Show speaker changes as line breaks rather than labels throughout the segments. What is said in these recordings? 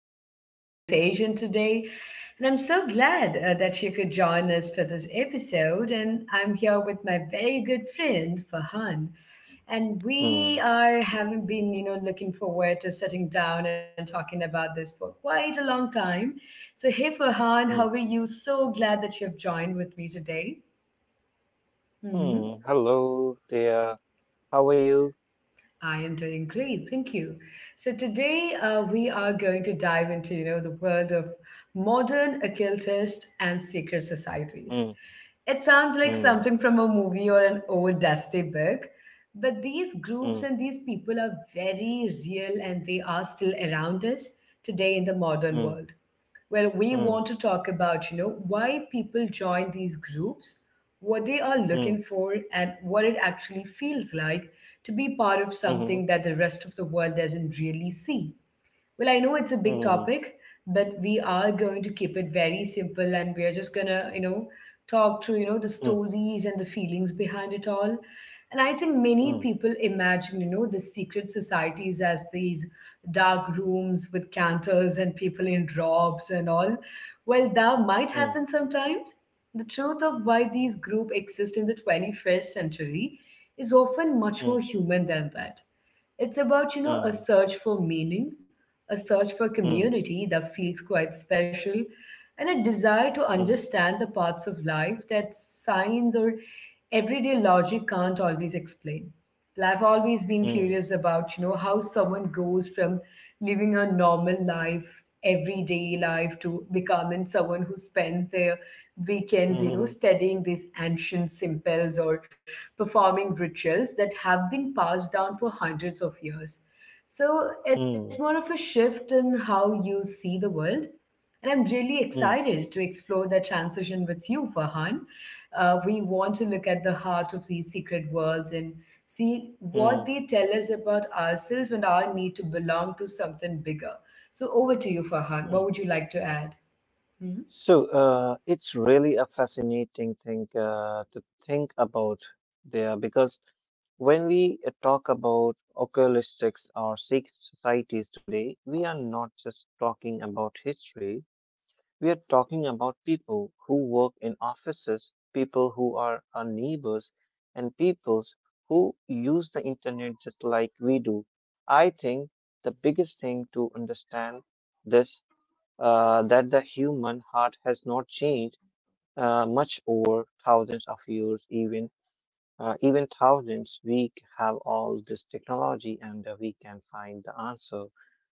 welcome to our conversation today. And I'm so glad that you could join us for this episode. And I'm here with my very good friend Fahan, and we
Hmm.
are having been, looking forward to sitting down and talking about this for quite a long time. So, hey Fahan,
Hmm.
how are you? So glad that you've joined with me today. Mm-hmm.
Hmm. Hello there. How are you?
I am doing great, thank you. So today we are going to dive into the world of modern occultists and secret
Hmm.
societies. It sounds like
Hmm.
something from a movie or an old dusty book, but these
Hmm.
groups and these people are very real and they are still around us today in the
Hmm.
modern world. Well, we
Hmm.
want to talk about, why people join these groups, what they are
Hmm.
looking for, and what it actually feels like to be part of
Mhm.
something that the rest of the world doesn't really see. Well, I know it's a big
Hmm.
topic, but we are going to keep it very simple and we are just gonna, talk through, the stories and the feelings behind it all. And I think many
Hmm.
people imagine, the secret societies as these dark rooms with candles and people in robes and all. Well, that might
Hmm.
happen sometimes. The truth of why these groups exist in the 21st century is often much
Hmm.
more human than that. It's about,
Hmm.
a search for meaning, a search for
Hmm. Hmm.
community that feels quite special, and a desire to
Hmm.
understand the parts of life that science or everyday logic can't always explain. But I've always been
Hmm.
curious about, how someone goes from living a normal life, everyday life, to becoming someone who spends their weekends, you
Mhm.
know, studying these ancient simples or performing rituals that have been passed down for hundreds of years. So
Hmm.
it's more of a shift in how you see the world, and I'm really
Mm.
excited to explore that transition with you, Farhan. We want to look at the heart of these secret worlds and see
Mm.
what they tell us about ourselves and our need to belong to something bigger. So, over to you, Farhan.
Mm.
What would you like to add? Hmm?
It's really a fascinating thing to think about there, because when we talk about ocultistics or secret societies today, we are not just talking about history. We are talking about people who work in offices, people who are our neighbors, and peoples who use the internet just like we do. I think the biggest thing to understand this that the human heart has not changed much over thousands of years, even even thousands. We have all this technology, and we can find the answer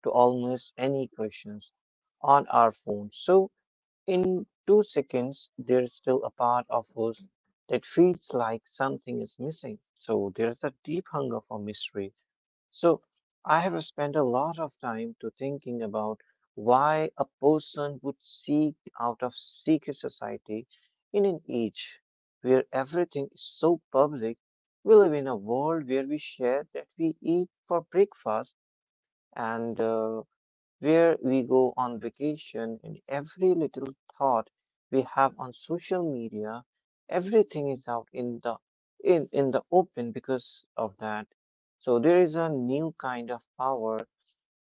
to almost any questions on our phone. So in 2 seconds, there's still a part of us that feels like something is missing. So there's a deep hunger for mystery. So I have spent a lot of time to thinking about why a person would seek out of secret society in an age where everything is so public. We live in a world where we share that we eat for breakfast, and where we go on vacation, and every little thought we have on social media, everything is out in the in the open because of that. So there is a new kind of power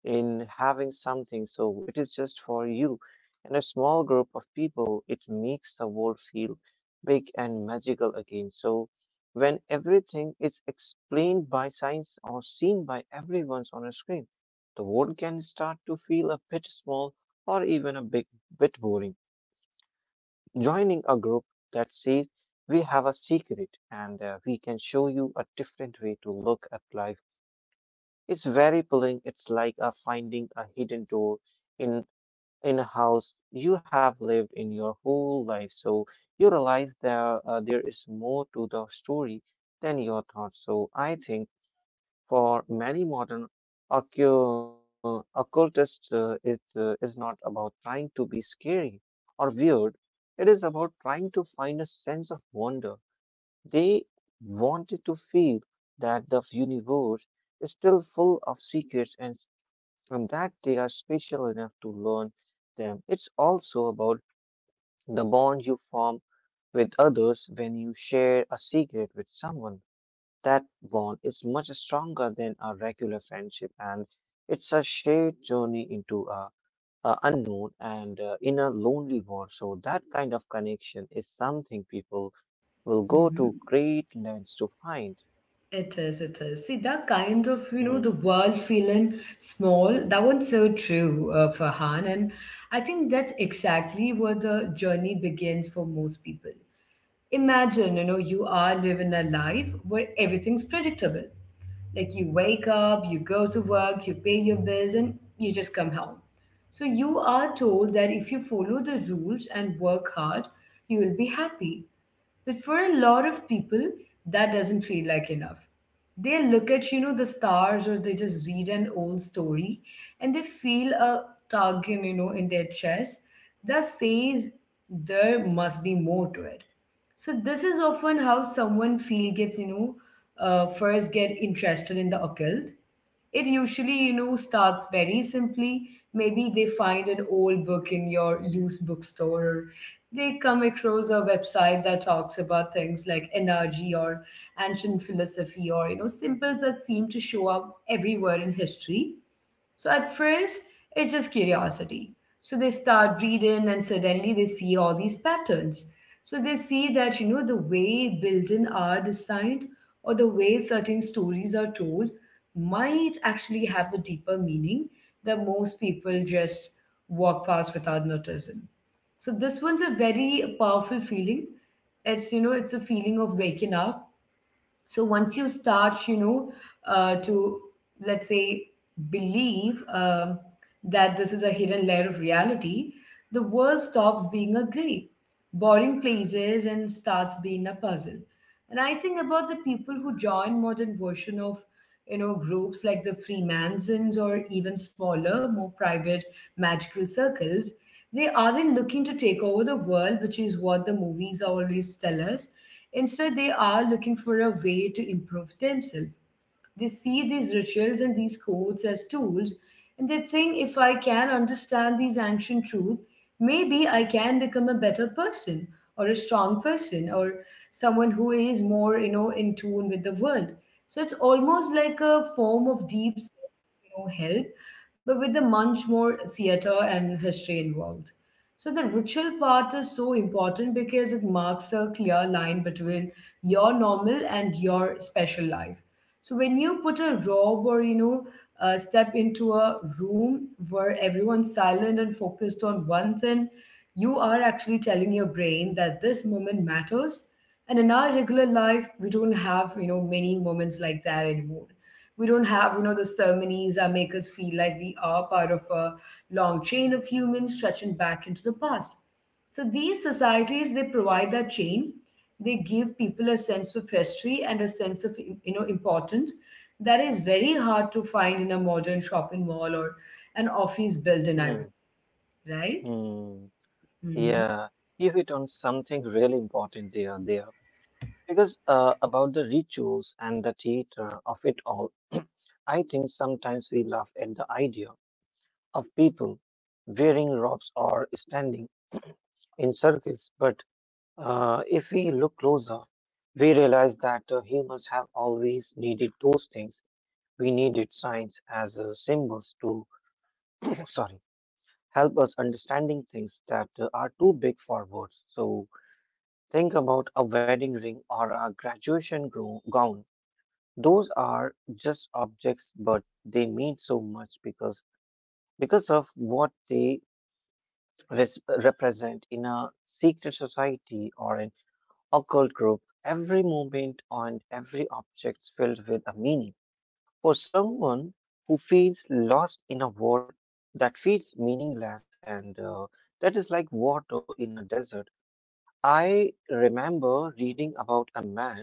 in having something so it is just for you and a small group of people. It makes the world feel big and magical again. So when everything is explained by science or seen by everyone's on a screen, the world can start to feel a bit small, or even a big bit boring. Joining a group that says we have a secret and we can show you a different way to look at life, it's very pulling. It's like finding a hidden door in in a house you have lived in your whole life. So you realize there there is more to the story than your thoughts. So I think for many modern occultists, it is not about trying to be scary or weird. It is about trying to find a sense of wonder. They wanted to feel that the universe is still full of secrets, and that they are special enough to learn them. It's also about the bond you form with others when you share a secret with someone. That bond is much stronger than a regular friendship, and it's a shared journey into a unknown and in a lonely world. So that kind of connection is something people will go to
Mm-hmm.
great lengths to find.
It is, it is. See, that kind of, the
Mhm.
world feeling small, that one's so true, Farhan. And I think that's exactly where the journey begins for most people. Imagine you are living a life where everything's predictable. Like, you wake up, you go to work, you pay your bills, and you just come home. So you are told that if you follow the rules and work hard, you will be happy. But for a lot of people, that doesn't feel like enough. They look at, the stars or they just read an old story, and they feel a tug, in their chest, that says there must be more to it. So this is often how someone feel gets, first get interested in the occult. It usually, starts very simply. Maybe they find an old book in your used bookstore, or they come across a website that talks about things like energy or ancient philosophy or, symbols that seem to show up everywhere in history. So at first, it's just curiosity. So they start reading and suddenly they see all these patterns. So they see that, the way buildings are designed or the way certain stories are told might actually have a deeper meaning that most people just walk past without noticing. So this one's a very powerful feeling. It's a feeling of waking up. So once you start to let's say believe that this is a hidden layer of reality, the world stops being a gray boring places and starts being a puzzle. And I think about the people who join modern version of groups like the Freemasons or even smaller more private magical circles. They aren't looking to take over the world, which is what the movies always tell us. Instead, they are looking for a way to improve themselves. They see these rituals and these codes as tools, and they think if I can understand these ancient truths, maybe I can become a better person or a strong person or someone who is more, in tune with the world. So it's almost like a form of deep, help, but with the much more theater and history involved. So the ritual part is so important because it marks a clear line between your normal and your special life. So when you put a robe or step into a room where everyone's silent and focused on one thing, you are actually telling your brain that this moment matters. And in our regular life, we don't have many moments like that anymore. We don't have the ceremonies that make us feel like we are part of a long chain of humans stretching back into the past. So these societies, they provide that chain. They give people a sense of history and a sense of importance that is very hard to find in a modern shopping mall or an office building, I would, right?
Mhm.
Mm-hmm.
Yeah, you hit on something really important there. Because about the rituals and the theater of it all, I think sometimes we laugh at the idea of people wearing robes or standing in circles. But if we look closer, we realize that humans have always needed those things. We needed signs as symbols to, sorry, help us understanding things that are too big for words. So think about a wedding ring or a graduation gown. Those are just objects, but they mean so much because of what they represent in a secret society or an occult group. Every moment and every object is filled with a meaning. For someone who feels lost in a world that feels meaningless, and that is like water in a desert. I remember reading about a man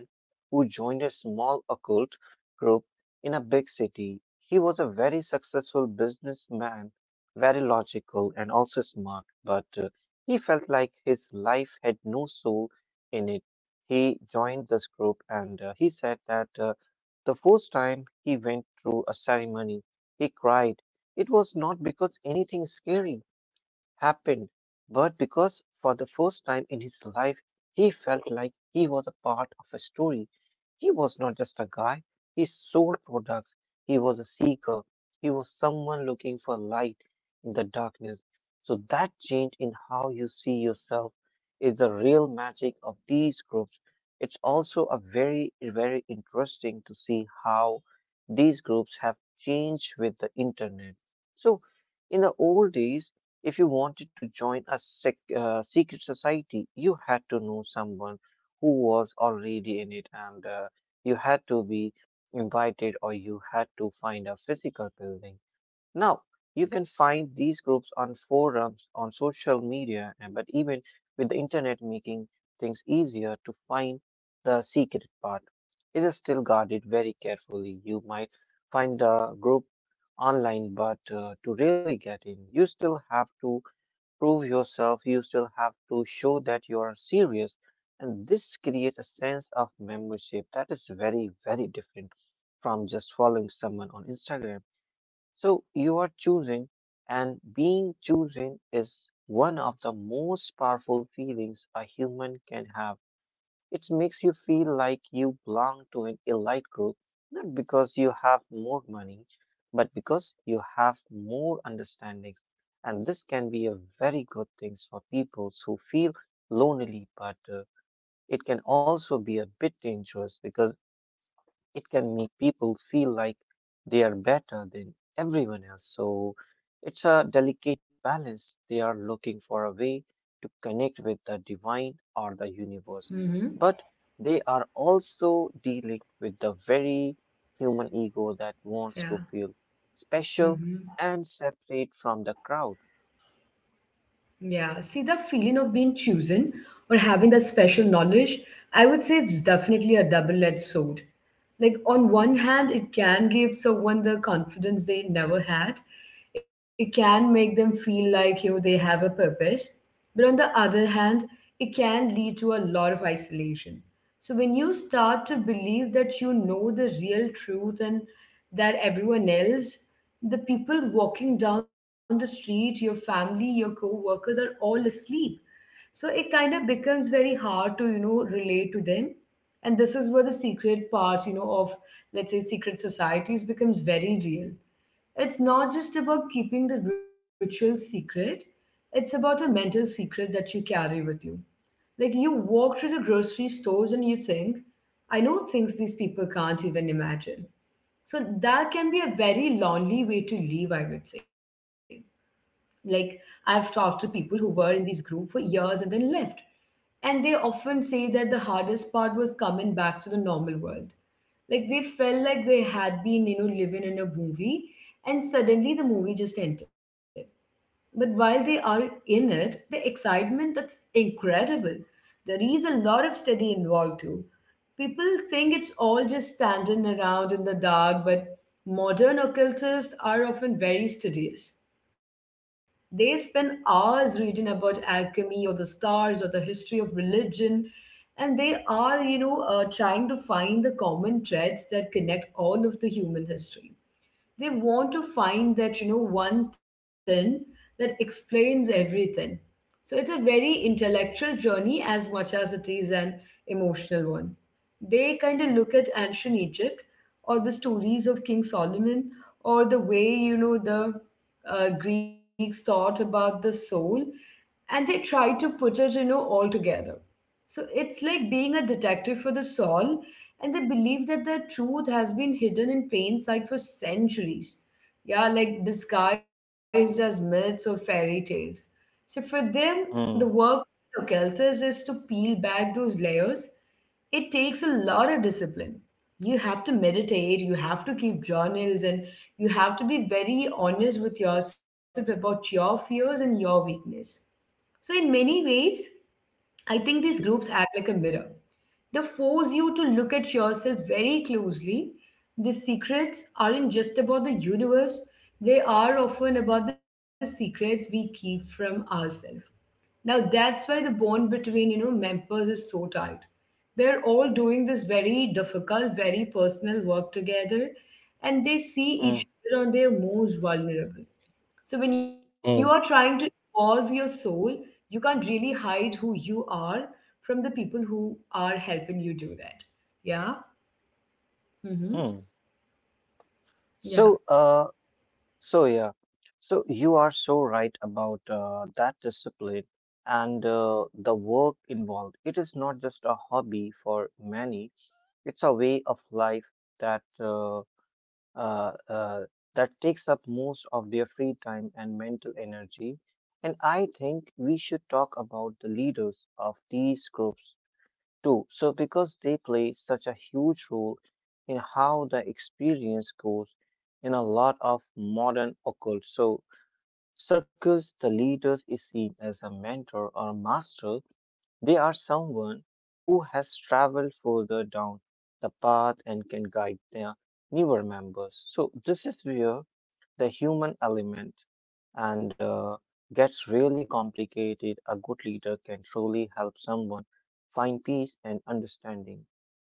who joined a small occult group in a big city. He was a very successful businessman, very logical and also smart, but he felt like his life had no soul in it. He joined this group and he said that the first time he went through a ceremony, he cried. It was not because anything scary happened, but because for the first time in his life, he felt like he was a part of a story. He was not just a guy, he sold products, he was a seeker, he was someone looking for light in the darkness. So, that change in how you see yourself is the real magic of these groups. It's also a very, very interesting to see how these groups have changed with the internet. So, in the old days, if you wanted to join a secret society, you had to know someone who was already in it, and you had to be invited or you had to find a physical building. Now, you can find these groups on forums, on social media, and but even with the internet making things easier to find the secret part, it is still guarded very carefully. You might find a group online, but to really get in, you still have to prove yourself, you still have to show that you are serious. And this creates a sense of membership that is very, very different from just following someone on Instagram. So you are choosing, and being chosen is one of the most powerful feelings a human can have. It makes you feel like you belong to an elite group, not because you have more money, but because you have more understandings. And this can be a very good thing for people who feel lonely, but it can also be a bit dangerous because it can make people feel like they are better than everyone else. So it's a delicate balance. They are looking for a way to connect with the divine or the universe,
Mm-hmm.
but they are also dealing with the very human ego that wants to
Yeah.
feel special and
Mm-hmm.
separate from the crowd.
Yeah, see, the feeling of being chosen or having that special knowledge, I would say it's definitely a double-edged sword. Like on one hand, it can give someone the confidence they never had. It can make them feel like, they have a purpose. But on the other hand, it can lead to a lot of isolation. So when you start to believe that you know the real truth, and that everyone else, the people walking down the street, your family, your co-workers, are all asleep. So it kind of becomes very hard to, relate to them. And this is where the secret part, of let's say secret societies becomes very real. It's not just about keeping the ritual secret, it's about a mental secret that you carry with you. Like you walk through the grocery stores and you think, I know things these people can't even imagine. So that can be a very lonely way to live, I would say. Like I've talked to people who were in this group for years and then left. And they often say that the hardest part was coming back to the normal world. Like they felt like they had been, living in a movie and suddenly the movie just ended. But while they are in it, the excitement, that's incredible. There is a lot of study involved too. People think it's all just standing around in the dark, but modern occultists are often very studious. They spend hours reading about alchemy or the stars or the history of religion, and they are, trying to find the common threads that connect all of the human history. They want to find that one thing that explains everything. So it's a very intellectual journey as much as it is an emotional one. They kind of look at ancient Egypt or the stories of King Solomon or the way the Greeks thought about the soul, and they try to put it all together. So it's like being a detective for the soul, and they believe that the truth has been hidden in plain sight for centuries. Yeah, like disguised as myths or fairy tales. So for them, the
Hmm.
work of Celtas is to peel back those layers. It takes a lot of discipline. You have to meditate, you have to keep journals, and you have to be very honest with yourself about your fears and your weakness. So, in many ways, I think these groups act like a mirror. They force you to look at yourself very closely. The secrets aren't just about the universe, they are often about the secrets we keep from ourselves. Now that's why the bond between members is so tight. They're all doing this very difficult, very personal work together, and they see
Hmm.
each other on their most vulnerable. So when you
Hmm.
are trying to evolve your soul, you can't really hide who you are from the people who are helping you do that. Yeah.
Hmm.
Mm-hmm.
So, uh,
Yeah.
So yeah, so you are so right about that discipline and the work involved. It is not just a hobby for many; it's a way of life that uh, uh, that takes up most of their free time and mental energy. And I think we should talk about the leaders of these groups too. So, because they play such a huge role in how the experience goes in a lot of modern occult. So, circles, the leaders is seen as a mentor or master. They are someone who has traveled further down the path and can guide their newer members. So, this is where the human element and gets really complicated. A good leader can truly help someone find peace and understanding.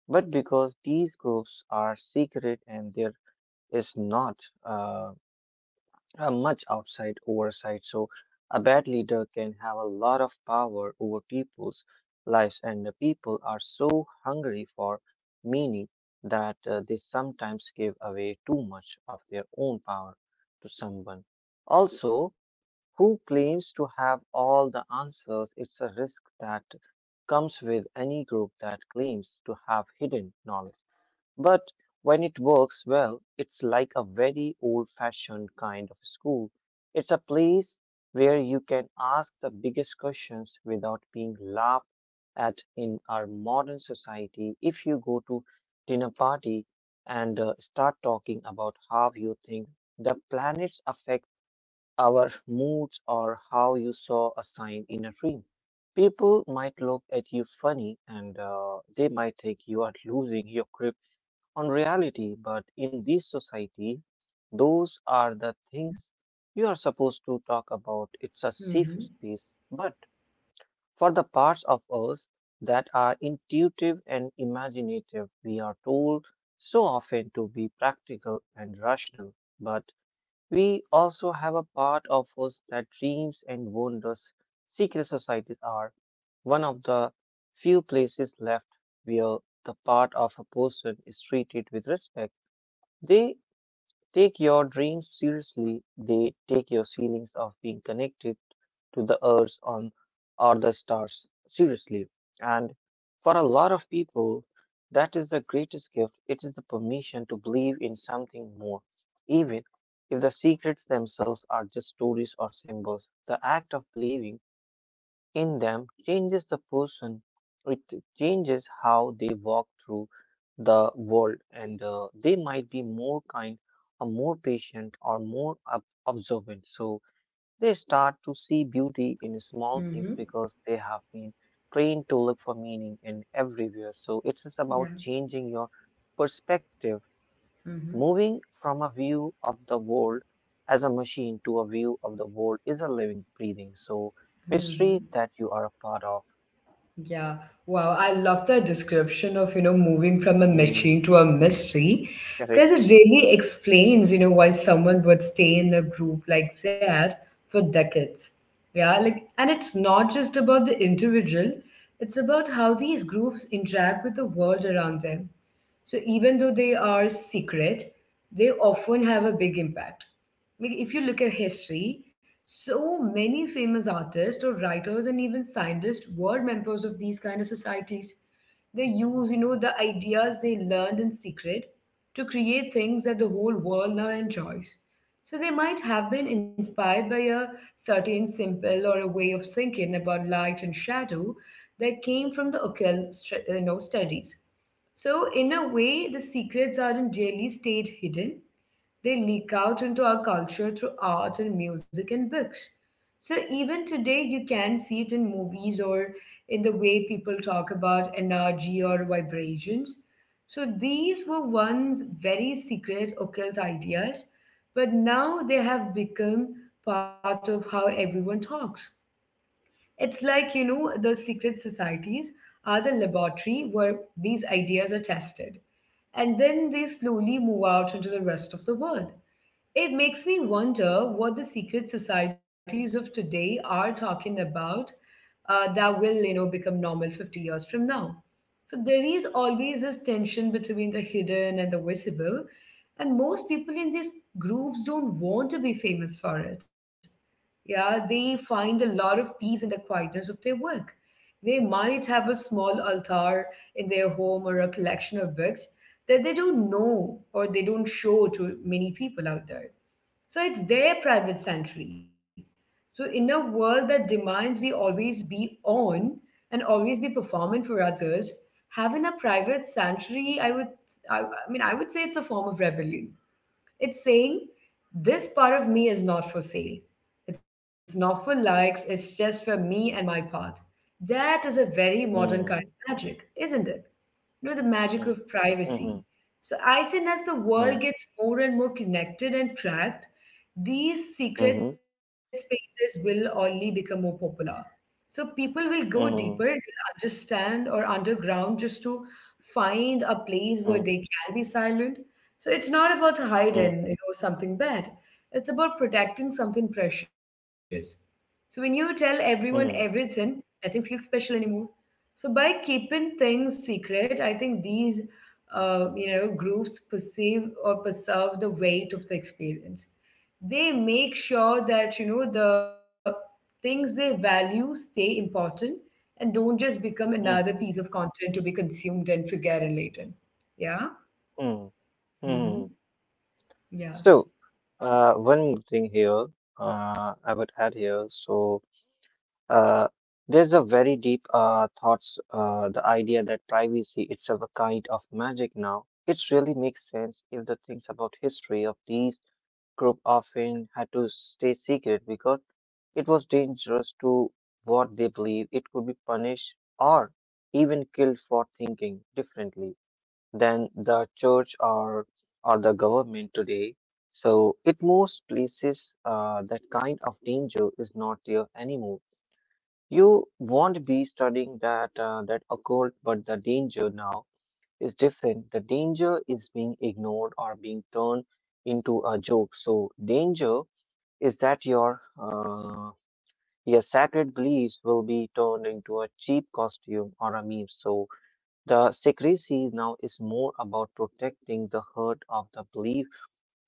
But because these groups are secret and there is not. Much outside oversight. So, a bad leader can have a lot of power over people's lives, and the people are so hungry for meaning that they sometimes give away too much of their own power to someone. Also, who claims to have all the answers? It's a risk that comes with any group that claims to have hidden knowledge. But when it works well, it's like a very old fashioned kind of school. It's a place where you can ask the biggest questions without being laughed at in our modern society. If you go to dinner party and start talking about how you think the planets affect our moods or how you saw a sign in a dream, people might look at you funny and they might think you are losing your grip on reality, but in this society, those are the things you are supposed to talk about. It's a safe
Mm-hmm.
space. But for the parts of us that are intuitive and imaginative, we are told so often to be practical and rational. But we also have a part of us that dreams and wonders. Secret societies are one of the few places left where the part of a person is treated with respect. They take your dreams seriously. They take your feelings of being connected to the earth on, or the stars seriously. And for a lot of people, that is the greatest gift. It is the permission to believe in something more. Even if the secrets themselves are just stories or symbols, the act of believing in them changes the person, it changes how they walk through the world, and they might be more kind, or more patient, or more observant. So they start to see beauty in small things
Mm-hmm.
because they have been trained to look for meaning in everywhere. So it's just
Yeah.
about changing your perspective,
Mm-hmm.
moving from a view of the world as a machine to a view of the world is a living, breathing. So
Mm-hmm.
mystery that you are a part of.
Yeah, wow, I love the description of, moving from a
Mm. Mhm.
machine to a mystery, because
Correct.
it really explains, why someone would stay in a group like that for decades. Yeah, like, and it's not just about the individual, it's about how these groups interact with the world around them. So even though they are secret, they often have a big impact. Like if you look at history, so many famous artists or writers and even scientists were members of these kind of societies. They use, the ideas they learned in secret to create things that the whole world now enjoys. So they might have been inspired by a certain simple or a way of thinking about light and shadow that came from the occult, studies. So, in a way, the secrets aren't really stayed hidden. They leak out into our culture through art and music and books. So, even today, you can see it in movies or in the way people talk about energy or vibrations. So, these were once very secret occult ideas, but now they have become part of how everyone talks. It's like, the secret societies are the laboratory where these ideas are tested. And then they slowly move out into the rest of the world. It makes me wonder what the secret societies of today are talking about that will, become normal 50 years from now. So there is always this tension between the hidden and the visible, and most people in these groups don't want to be famous for it. Yeah, they find a lot of peace in the quietness of their work. They might have a small altar in their home or a collection of books that they don't know or they don't show to many people out there. So it's their private sanctuary. So, in a world that demands we always be on and always be performing for others, having a private sanctuary, I I would say it's a form of rebellion. It's saying, this part of me is not for sale. It's not for likes, it's just for me and my path. That is a very modern
Mm.
kind of magic, isn't it? You know, the
Mm.
magic of
Mhm.
privacy. So I think as the
Mm.
world gets more and more connected and tracked, these secret
Mhm.
spaces will only become more popular. So people will go deeper,
Mhm.
they'll understand or underground just to find a place
Mhm.
where they can be silent. So it's not about
Mm.
hiding, something bad. It's about protecting something precious. So when you tell everyone
Mm.
everything, nothing feels special anymore. So by keeping things secret, I think these groups perceive or preserve the weight of the experience. They make sure that the things they value stay important and don't just become another
Mm.
piece of content to be consumed and forgotten later. Yeah.
Mm.
Mm-hmm.
Mm.
Yeah.
So, One more thing here, I would add here. Uh, there's a very deep thoughts, the idea that privacy itself a kind of magic now. It really makes sense if the things about history of these group often had to stay secret because it was dangerous to what they believed. It could be punished or even killed for thinking differently than the church or the government today. So it most places that kind of danger is not there anymore. You won't be studying that that occult, but the danger now is different. The danger is being ignored or being turned into a joke. So danger is that your sacred beliefs will be turned into a cheap costume or a meme. So the secrecy now is more about protecting the heart of the belief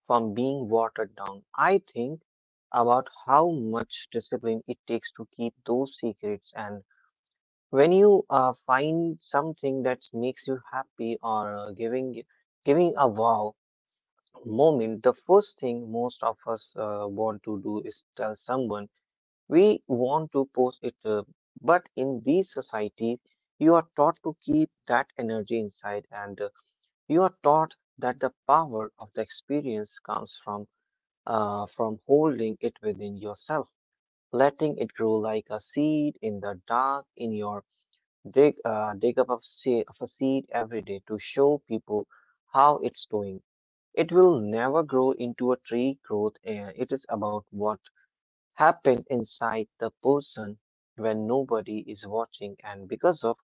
from being watered down. I think about how much discipline it takes to keep those secrets and when you find something that makes you happy or giving giving a wow moment, the first thing most of us want to do is tell someone, we want to post it, but in these societies, you are taught to keep that energy inside, and you are taught that the power of the experience comes from holding it within yourself, letting it grow like a seed in the dark. In your dig up of, of a seed every day to show people how it's doing. It will never grow into a tree growth. It is about what happened inside the person when nobody is watching, and because of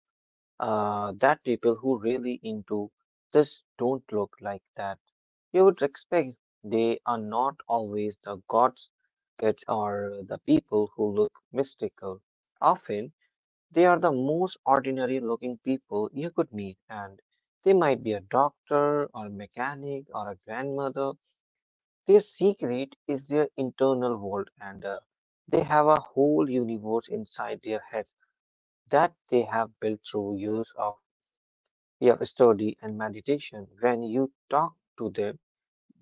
that, people who really into this don't look like that you would expect. They are not always the gods kids or the people who look mystical. Often they are the most ordinary looking people you could meet, and they might be a doctor or mechanic or a grandmother. Their secret is their internal world, and have a whole universe inside their head that they have built through years of, yeah, study and meditation. When you talk to them,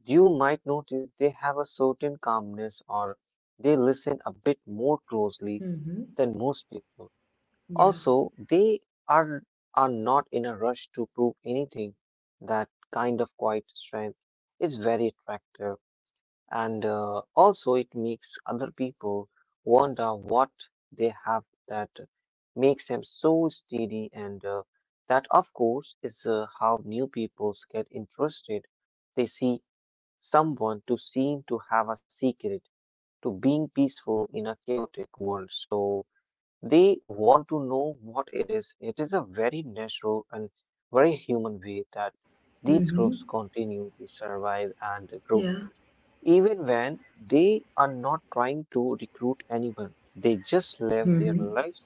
you might notice they have a certain calmness or they listen a bit more closely
Mm-hmm.
than most people.
Yeah.
Also, they are, are not in a rush to prove anything. That kind of quiet strength is very attractive, and also it makes other people wonder what they have that makes them so steady, and that of course is how new people get interested. They see someone to seem to have a secret to being peaceful in a chaotic world, so they want to know what it is. It is a very natural and very human way that these
Mm-hmm.
groups continue to survive and grow,
Yeah.
even when they are not trying to recruit anyone. They just live their
Mm-hmm.
lives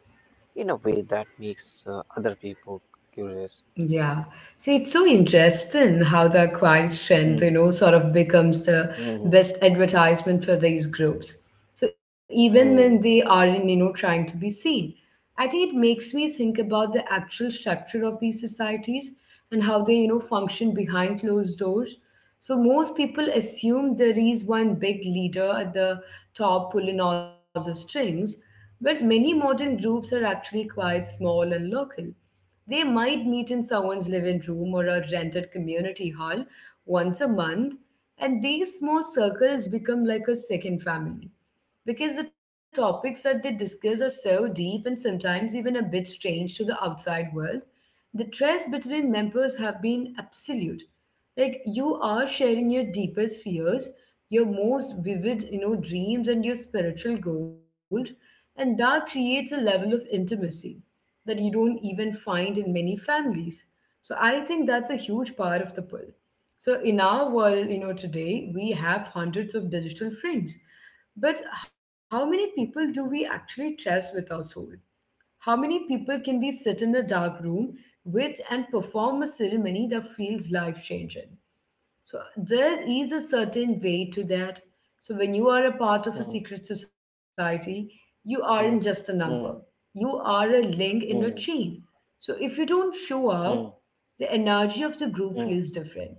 in a way that makes other people curious.
Yeah. See, it's so interesting how the acquired
Mm,
strength, sort of becomes the
mm,
best advertisement for these groups. So even when they
mm,
aren't, trying to be seen, I think it makes me think about the actual structure of these societies and how they, function behind closed doors. So most people assume there is one big leader at the top pulling all the strings, but many modern groups are actually quite small and local. They might meet in someone's living room or a rented community hall once a month, and these small circles become like a second family because the topics that they discuss are so deep and sometimes even a bit strange to the outside world. The trust between members have been absolute, like you are sharing your deepest fears, your most vivid, dreams and your spiritual goals, and that creates a level of intimacy that you don't even find in many families. So I think that's a huge part of the pull. So in our world, today we have hundreds of digital friends, but how many people do we actually trust with our soul? How many people can we sit in a dark room with and perform a ceremony that feels life changing? So there is a certain way to that. So when you are a part of a
mm,
secret society, you aren't just a
mm,
number.
mm,
You are a link in a
mm,
chain. So if you don't show up, the energy of the group
mm,
feels different.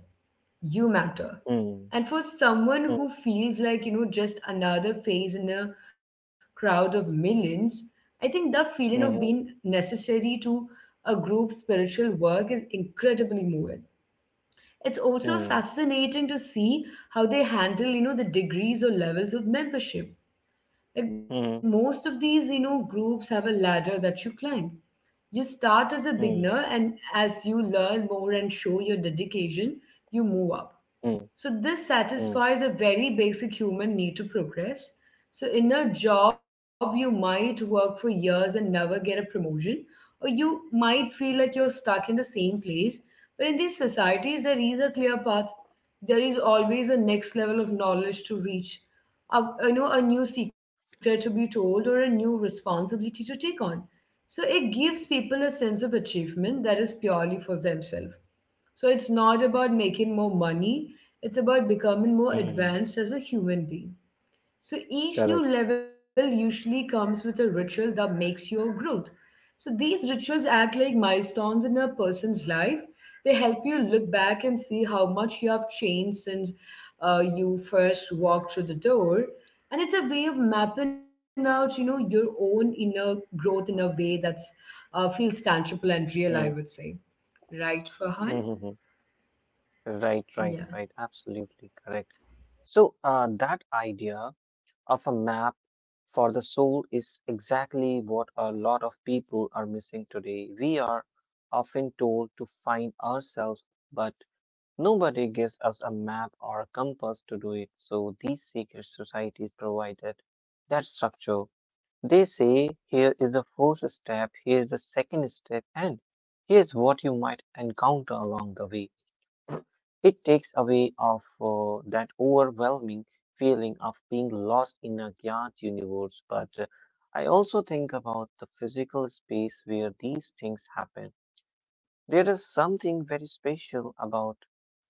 You matter.
mm,
And for someone who feels like, just another face in a crowd of millions, I think the feeling of
mm, mm,
being necessary to a group's spiritual work is incredibly moving. It's also
mhm,
fascinating to see how they handle, the degrees or levels of membership. Like
mm,
most
mm,
of these, groups have a ladder that you climb. You start as a beginner,
mm,
and as you learn more and show your dedication, you move up.
mm,
So this
mm,
satisfies a very basic human need to progress. So in a job, you might work for years and never get a promotion, or you might feel like you're stuck in the same place. But in these societies, there is a clear path. There is always a next level of knowledge to reach, a, a new secret to be told, or a new responsibility to take on. So it gives people a sense of achievement that is purely for themselves. So it's not about making more money, it's about becoming more
mm.
advanced as a human being. So each new
Correct.
level usually comes with a ritual that makes your growth. So these rituals act like milestones in a person's life. They help you look back and see how much you have changed since you first walked through the door. And it's a way of mapping out, your own inner growth in a way that's feels tangible and real, I
Mm,
would say. Right, Farhan?
mhm, mhm. Right, right,
Yeah.
right. Absolutely correct. So, that idea of a map for the soul is exactly what a lot of people are missing today. We are often told to find ourselves, but nobody gives us a map or a compass to do it. So these secret societies provided that structure. They say here is the first step, here is the second step, and here's what you might encounter along the way. It takes away of that overwhelming feeling of being lost in a giant universe, but I also think about the physical space where these things happen. There is something very special about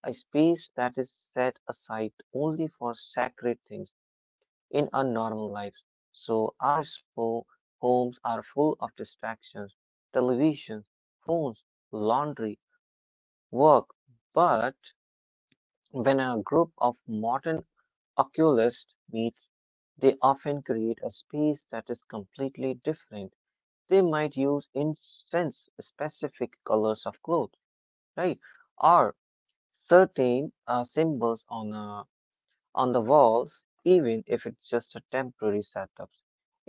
a space that is set aside only for sacred things in our normal lives. So our small homes are full of distractions, television, phones, laundry, work, but when a group of modern Oculist meets, they often create a space that is completely different. They might use instance specific colors of clothes, right? Or certain symbols on the walls, even if it's just a temporary setup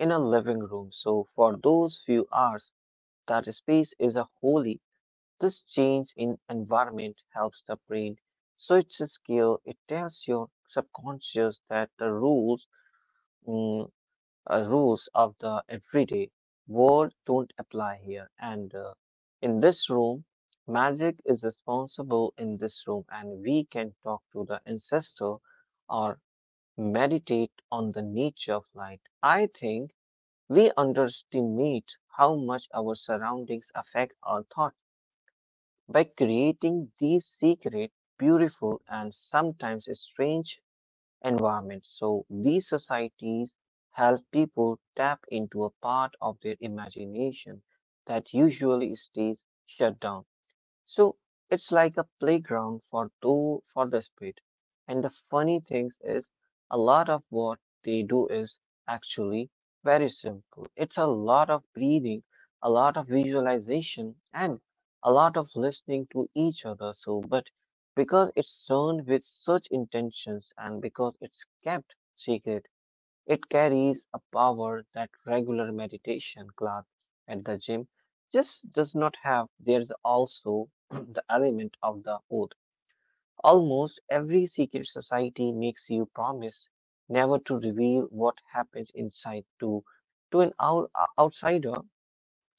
in a living room. So for those few hours, that space is a holy. This change in environment helps the brain, so it's a skill. It tells your subconscious that the rules Mm, rules of the everyday world don't apply here. And in this room, magic is responsible in this room, and we can talk to the ancestor or meditate on the nature of light. I think we underestimate how much our surroundings affect our thought by creating these secret, beautiful, and sometimes strange environment. So these societies help people tap into a part of their imagination that usually stays shut down. So it's like a playground for two for the spirit. And the funny thing is, a lot of what they do is actually very simple. It's a lot of breathing, a lot of visualization, and a lot of listening to each other. So, but because it's done with such intentions and because it's kept secret, it carries a power that regular meditation class at the gym just does not have. There's also the element of the oath. Almost every secret society makes you promise never to reveal what happens inside to an outsider.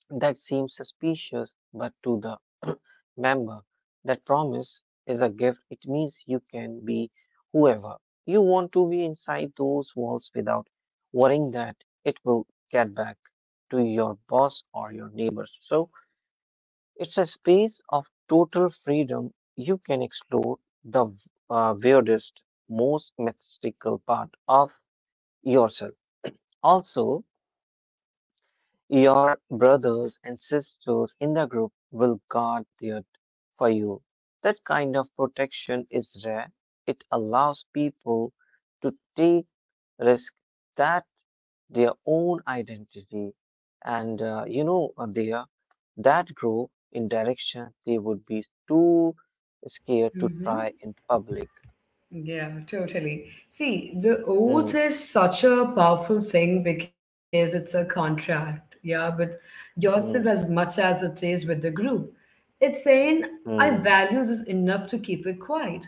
That seems suspicious, but to the member, that promise is a gift. It means you can be whoever you want to be inside those walls without worrying that it will get back to your boss or your neighbors. So it's a space of total freedom. You can explore the weirdest, most mystical part of yourself. Also, your brothers and sisters in the group will guard it for you. That kind of protection is rare. It allows people to take risk that their own identity, and you know, their that grow in direction they would be too scared to try in public.
Yeah, totally. See, the oath
Hmm,
is such a powerful thing because it's a contract, yeah, with yourself
hmm,
as much as it is with the group. It's saying, I
hmm,
value this enough to keep it quiet.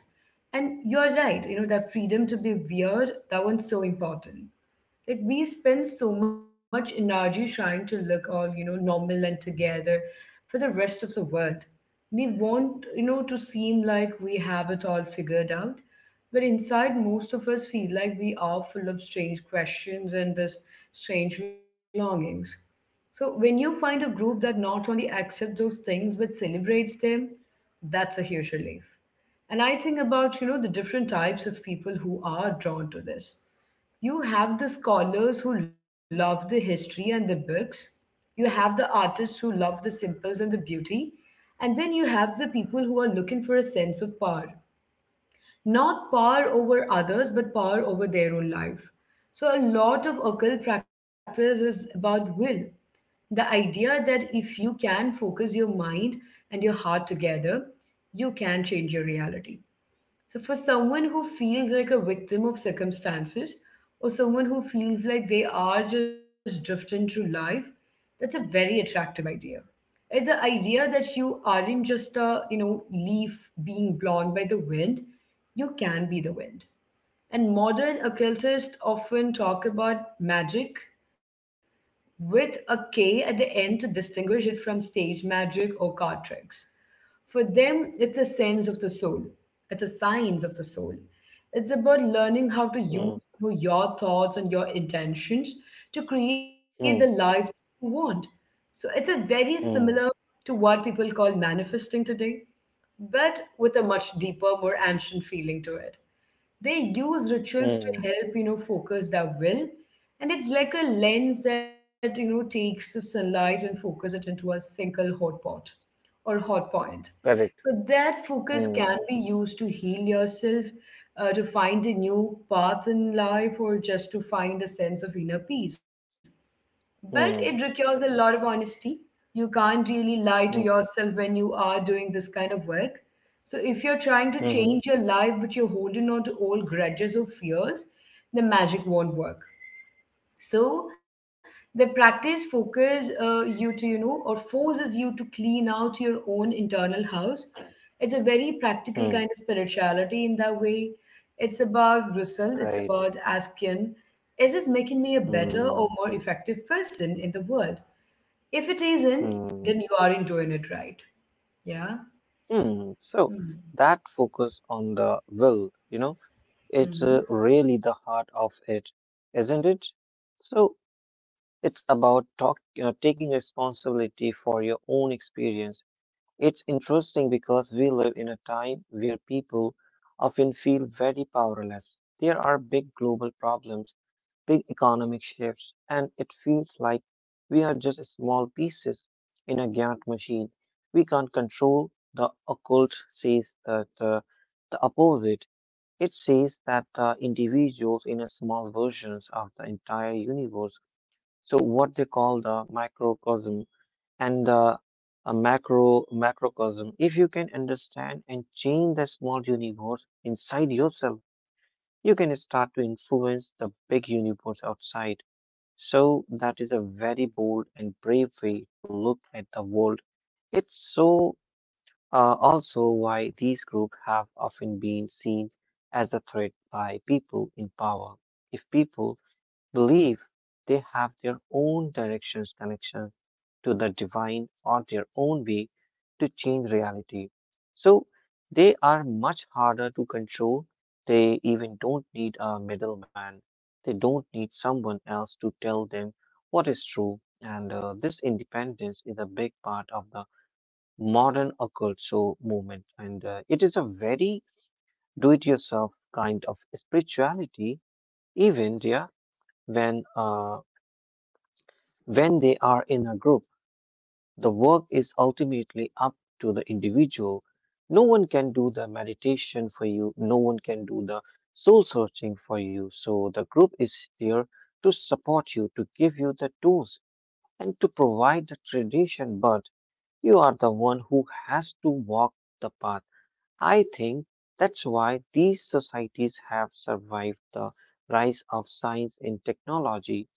And you're right, that freedom to be weird, that one's so important. Like we spend so much energy trying to look all, normal and together for the rest of the world. We want, to seem like we have it all figured out, but inside most of us feel like we are full of strange questions and this strange longings. So when you find a group that not only accepts those things but celebrates them, that's a huge relief. And I think about, the different types of people who are drawn to this. You have the scholars who love the history and the books. You have the artists who love the simples and the beauty. And then you have the people who are looking for a sense of power. Not power over others, but power over their own life. So, a lot of occult practice is about will. The idea that if you can focus your mind and your heart together, you can change your reality. So, for someone who feels like a victim of circumstances, or someone who feels like they are just drifting through life, that's a very attractive idea. It's the idea that you aren't just a, leaf being blown by the wind. You can be the wind. And modern occultists often talk about magic with a K at the end to distinguish it from stage magic or card tricks. For them, it's a sense of the soul, it's a science of the soul. It's about learning how to use
hmm,
your thoughts and your intentions to create the life
hmm,
you want. So it's a very similar
hmm,
to what people call manifesting today, but with a much deeper, more ancient feeling to it. They use rituals to
hmm.
help, focus their will, and it's like a lens that, takes the sunlight and focus it into a single hot pot or hot point,
Correct.
so that focus
Hmm,
can be used to heal yourself, to find a new path in life or just to find a sense of inner peace. But it
hmm,
requires a lot of honesty. You can't really lie to
hmm,
yourself when you are doing this kind of work. So, if you're trying to
hmm, hmm.
change your life but you're holding on to old grudges or fears, the magic won't work. So the practice focuses you to, or forces you to clean out your own internal house. It's a very
hmm.
practical kind of spirituality in that way. It's about result, it's
Right.
about asking, is this making me a better or
Mm,
more effective person in the world? If it isn't,
mm,
then you aren't doing it right. Yeah.
mm. So
Mm-hmm.
that focus on the will, you know, it's
Mm-hmm.
really the heart of it, isn't it? So it's about taking responsibility for your own experience. It's interesting because we live in a time where people often feel very powerless. There are big global problems, big economic shifts, and it feels like we are just small pieces in a giant machine. We can't control. The occult says that the opposite. It says that individuals in a small versions of the entire universe, so what they call the microcosm and the a macro macrocosm. If you can understand and change the small universe inside yourself, you can start to influence the big universe outside. So, that is a very bold and brave way to look at the world. It's so also why these groups have often been seen as a threat by people in power. If people believe they have their own directions connection to the divine or their own way to change reality. So they are much harder to control. They even don't need a middleman. They don't need someone else to tell them what is true. And this independence is a big part of the modern occult so movement. And it is a very do it yourself kind of spirituality, even there when uh, when they are in a group, the work is ultimately up to the individual. No one can do the meditation for you, no one can do the soul searching for you. So the group is there to support you, to give you the tools, and to provide the tradition, but you are the one who has to walk the path. I think that's why these societies have survived the rise of science and technology,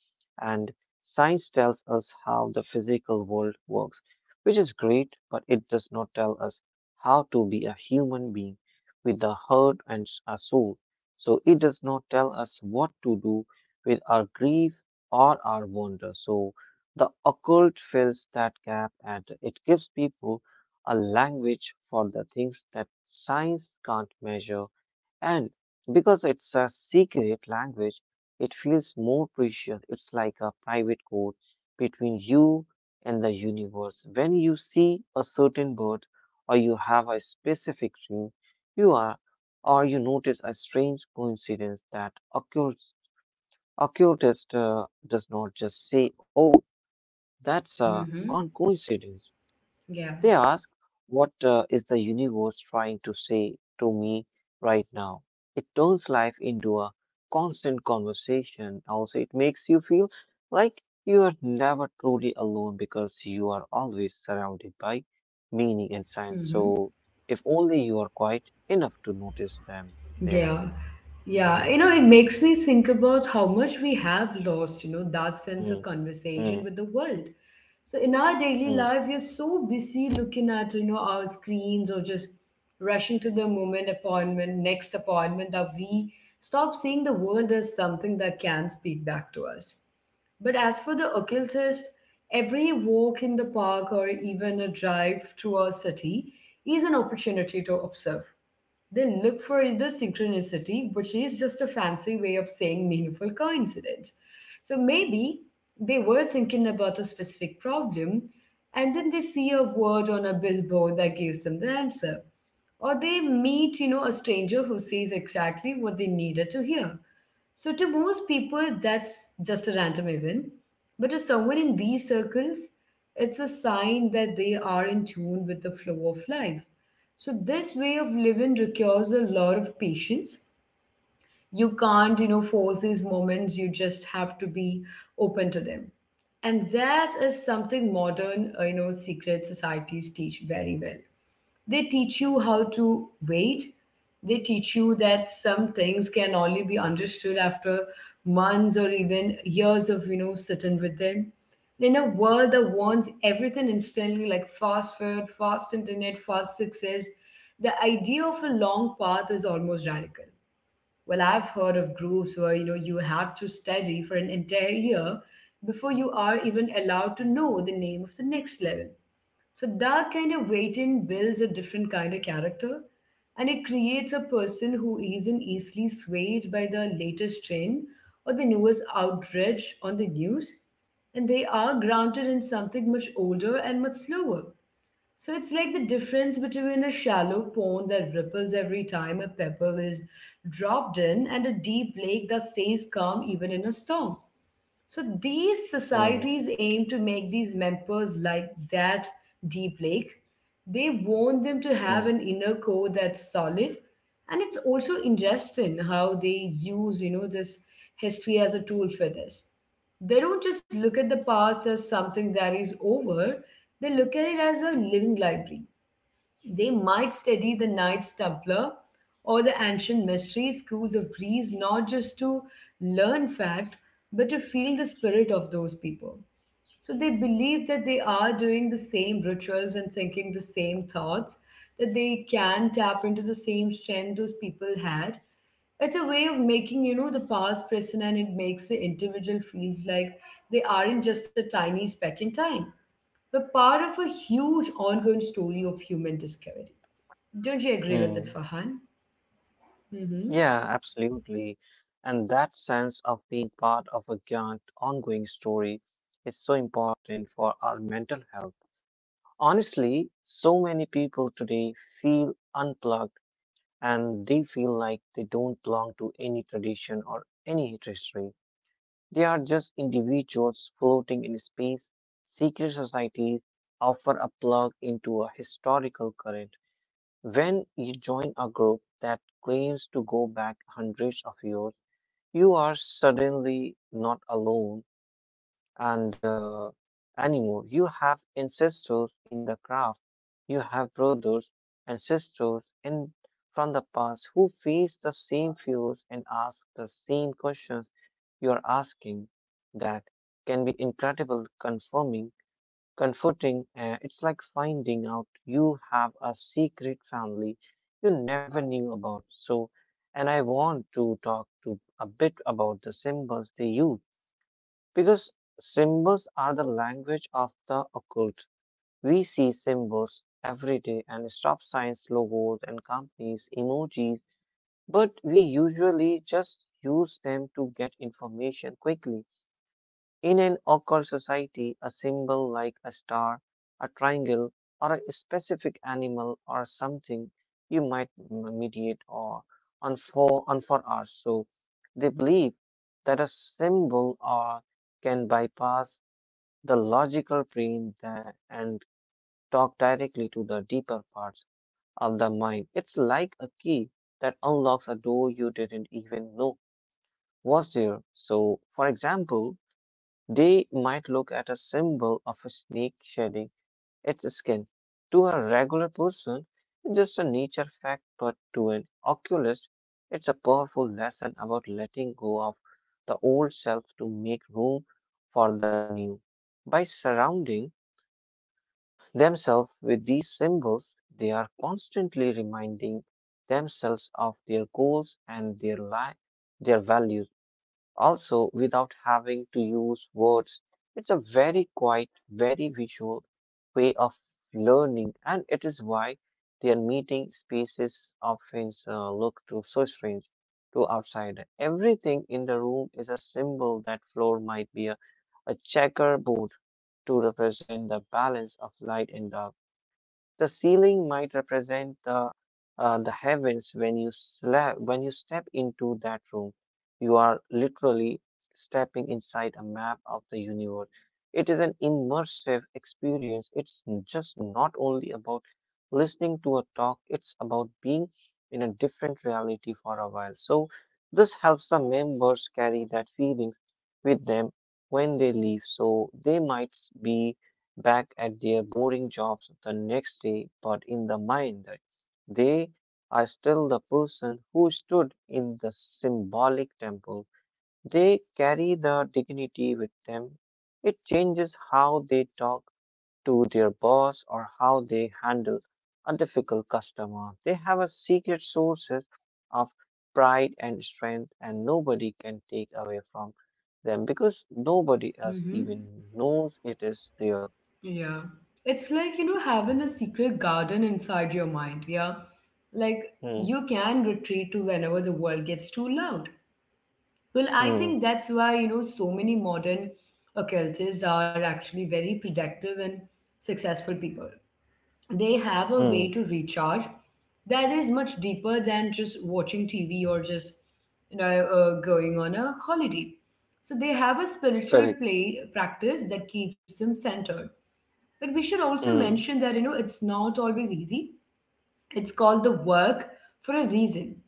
and science tells us how the physical world works, which is great, but it does not tell us how to be a human being with a heart and a soul. So it does not tell us what to do with our grief or our wonder. So the occult fills that gap and it gives people a language for the things that science can't measure. And because it's a secret language, it feels more precious. It's like a private code between you and the universe. When you see a certain bird, or you have a specific dream, you are, or you notice a strange coincidence that occurs. Occultist does not just say, "Oh, that's a
Mm-hmm.
coincidence."
Yeah.
They ask, what is the universe trying to say to me right now? It turns life into a constant conversation. Also, it makes you feel like you are never truly alone because you are always surrounded by meaning and science.
Mm-hmm.
So, if only you are quiet enough to notice them, there.
Yeah. Yeah, you know, it makes me think about how much we have lost, that sense of
Mm,
conversation
mm,
with the world. So in our daily
mm,
life, we're so busy looking at, our screens or just rushing to the moment appointment, next appointment that we stop seeing the world as something that can speak back to us. But as for the occultist, every walk in the park or even a drive through our city is an opportunity to observe. They look for the synchronicity, which is just a fancy way of saying meaningful coincidence. So maybe they were thinking about a specific problem and then they see a word on a billboard that gives them the answer. Or they meet, a stranger who says exactly what they needed to hear. So, to most people, that's just a random event. But to someone in these circles, it's a sign that they are in tune with the flow of life. So, this way of living requires a lot of patience. You can't, force these moments, you just have to be open to them. And that is something modern, secret societies teach very well. They teach you how to wait. They teach you that some things can only be understood after months or even years of, sitting with them. In a world that wants everything instantly, like fast food, fast internet, fast success, the idea of a long path is almost radical. Well, I've heard of groups where you know you have to study for an entire year before you are even allowed to know the name of the next level. So that kind of waiting builds a different kind of character, and it creates a person who isn't easily swayed by the latest trend or the newest outrage on the news. And they are grounded in something much older and much slower. So it's like the difference between a shallow pond that ripples every time a pebble is dropped in and a deep lake that stays calm even in a storm. So these
mm,
societies aim to make these members like that deep lake. They want them to
mm,
have an inner core that's solid. And it's also interesting how they use, this history as a tool for this. They don't just look at the past as something that is over, they look at it as a living library. They might study the Knights Templar or the ancient mystery schools of Greece, not just to learn fact, but to feel the spirit of those people. So they believe that they are doing the same rituals and thinking the same thoughts, that they can tap into the same strength those people had. It's a way of making, the past present, and it makes the individual feels like they aren't just a tiny speck in time, but part of a huge ongoing story of human discovery. Don't you agree with it,
mm.
Fahan? Mm-hmm.
Yeah, absolutely. And that sense of being part of a grand ongoing story is so important for our mental health. Honestly, so many people today feel unplugged and they feel like they don't belong to any tradition or any history. They are just individuals floating in space. Secret societies offer a plug into a historical current. When you join a group that claims to go back hundreds of years, you are suddenly not alone and anymore. You have ancestors in the craft. You have brothers and sisters in from the past who face the same fears and ask the same questions you are asking. That can be incredible, confirming comforting. It's like finding out you have a secret family you never knew about. So, and I want to talk to a bit about the symbols they use because symbols are the language of the occult. We see symbols every day and stop signs, logos, and companies, emojis, but we usually just use them to get information quickly. In an occult society, a symbol like a star, a triangle, or a specific animal or something you might mediate or on for us. So they believe that a symbol or can bypass the logical brain and talk directly to the deeper parts of the mind. It's like a key that unlocks a door you didn't even know was there. So, for example, they might look at a symbol of a snake shedding its skin. To a regular person, it's just a nature fact, but to an oculist, it's a powerful lesson about letting go of the old self to make room for the new. By surrounding themselves with these symbols, they are constantly reminding themselves of their goals and their their values. Also, without having to use words, it's a very quiet, very visual way of learning, and it is why their meeting spaces often look to so strange to outside. Everything in the room is a symbol that floor might be a checkerboard to represent the balance of light and dark. The ceiling might represent the the heavens when you step into that room. You are literally stepping inside a map of the universe. It is an immersive experience. It's just not only about listening to a talk, it's about being in a different reality for a while. So this helps the members carry that feelings with them when they leave. So they might be back at their boring jobs the next day, but in the mind that they are still the person who stood in the symbolic temple. They carry the dignity with them. It changes how they talk to their boss or how they handle a difficult customer. They have a secret sources of pride and strength and nobody can take away from them because nobody else
Mm-hmm.
even knows it is there.
Yeah. It's like, you know, having a secret garden inside your mind. Yeah. Like
Hmm.
you can retreat to whenever the world gets too loud. Well, I
Mm,
think that's why, so many modern occultists are actually very productive and successful people. They have a way
mm,
to recharge that is much deeper than just watching TV or just going on a holiday. So they have a spiritual
Correct.
play practice that keeps them centered. But we should also mention
Mm,
that you know it's not always easy. It's called the work for a reason.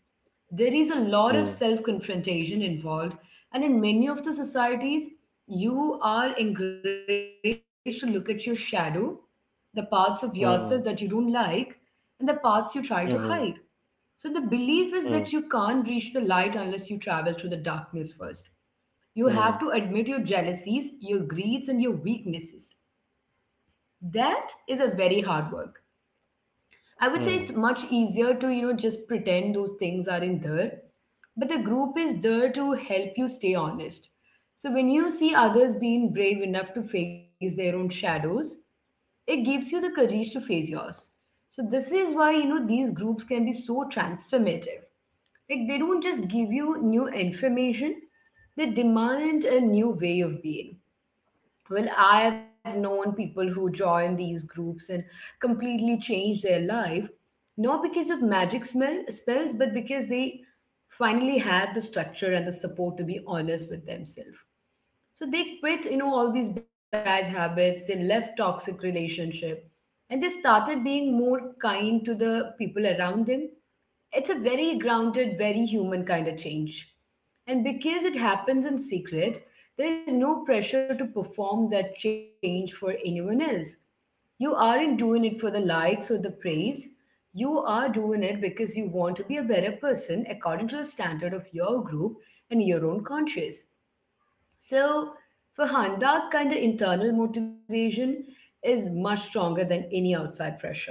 There is a lot of
mm,
self confrontation involved, and in many of the societies you are encouraged to look at your shadow, the parts of yourself that you don't
mm,
like and the parts you try to hide.
mm,
So the belief is that you can't
mm,
reach the light unless you travel through the darkness first. You have to admit
mm,
your jealousies, your greeds, and your weaknesses. That is a very hard work. I would say it's
mm,
much easier to just pretend those things aren't there, but the group is there to help you stay honest. So when you see others being brave enough to face their own shadows, it gives you the courage to face yours. So this is why you know these groups can be so transformative. Like they don't just give you new information, they demand a new way of being. Well, I've known people who join these groups and completely change their life, not because of magic smell spells, but because they finally had the structure and the support to be honest with themselves. So they quit, all these bad habits, they left toxic relationship, and they started being more kind to the people around them. It's a very grounded, very human kind of change. And because it happens in secret, there is no pressure to perform that change for anyone else. You aren't doing it for the likes or the praise. You are doing it because you want to be a better person according to the standard of your group and your own conscience. So, for Han, that kind of internal motivation is much stronger than any outside pressure.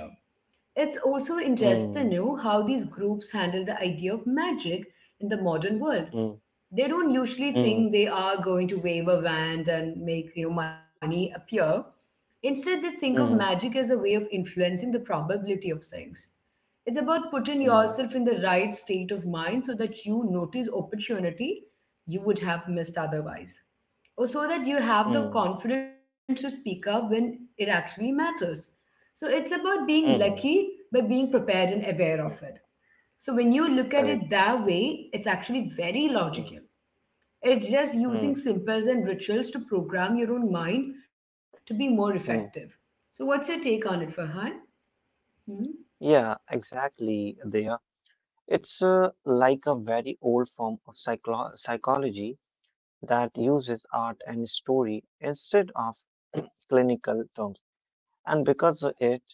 It's also interesting to
mm,
know how these groups handle the idea of magic in the modern world.
mm, mm,
They don't usually
mm,
think they are going to wave a wand and make money appear. Instead they think of magic as a way of influencing the probability of things. It's about putting
mm,
yourself in the right state of mind so that you notice opportunity you would have missed otherwise, or so that you have the
mm,
confidence to speak up when it actually matters. So it's about being lucky
mm,
by being prepared and aware of it.
mm.
So when you look at it
Correct.
that way, it's actually very
Mm,
logical. It's just using
mm,
simples and rituals to program your own mind to be more effective.
mm.
So, what's your take on it, Farhan? Hmm?
Yeah, exactly. It's like a very old form of psychology that uses art and story instead of clinical terms. And because of it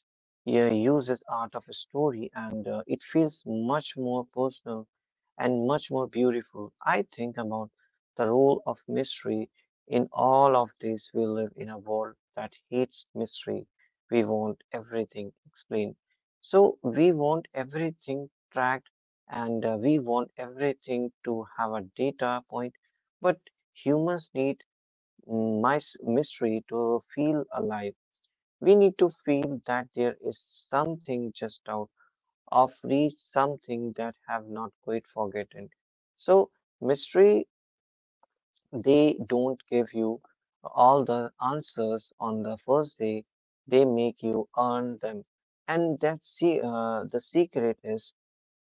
yeah, uses art of a story and it feels much more personal and much more beautiful. I think about the role of mystery in all of this. We live in a world that hates mystery. We want everything explained. So we want everything tracked and we want everything to have a data point. But humans need mystery to feel alive. We need to feel that there is something just out of reach, something that have not quite forgotten. So mystery, they don't give you all the answers on the first day. They make you earn them, and the secret is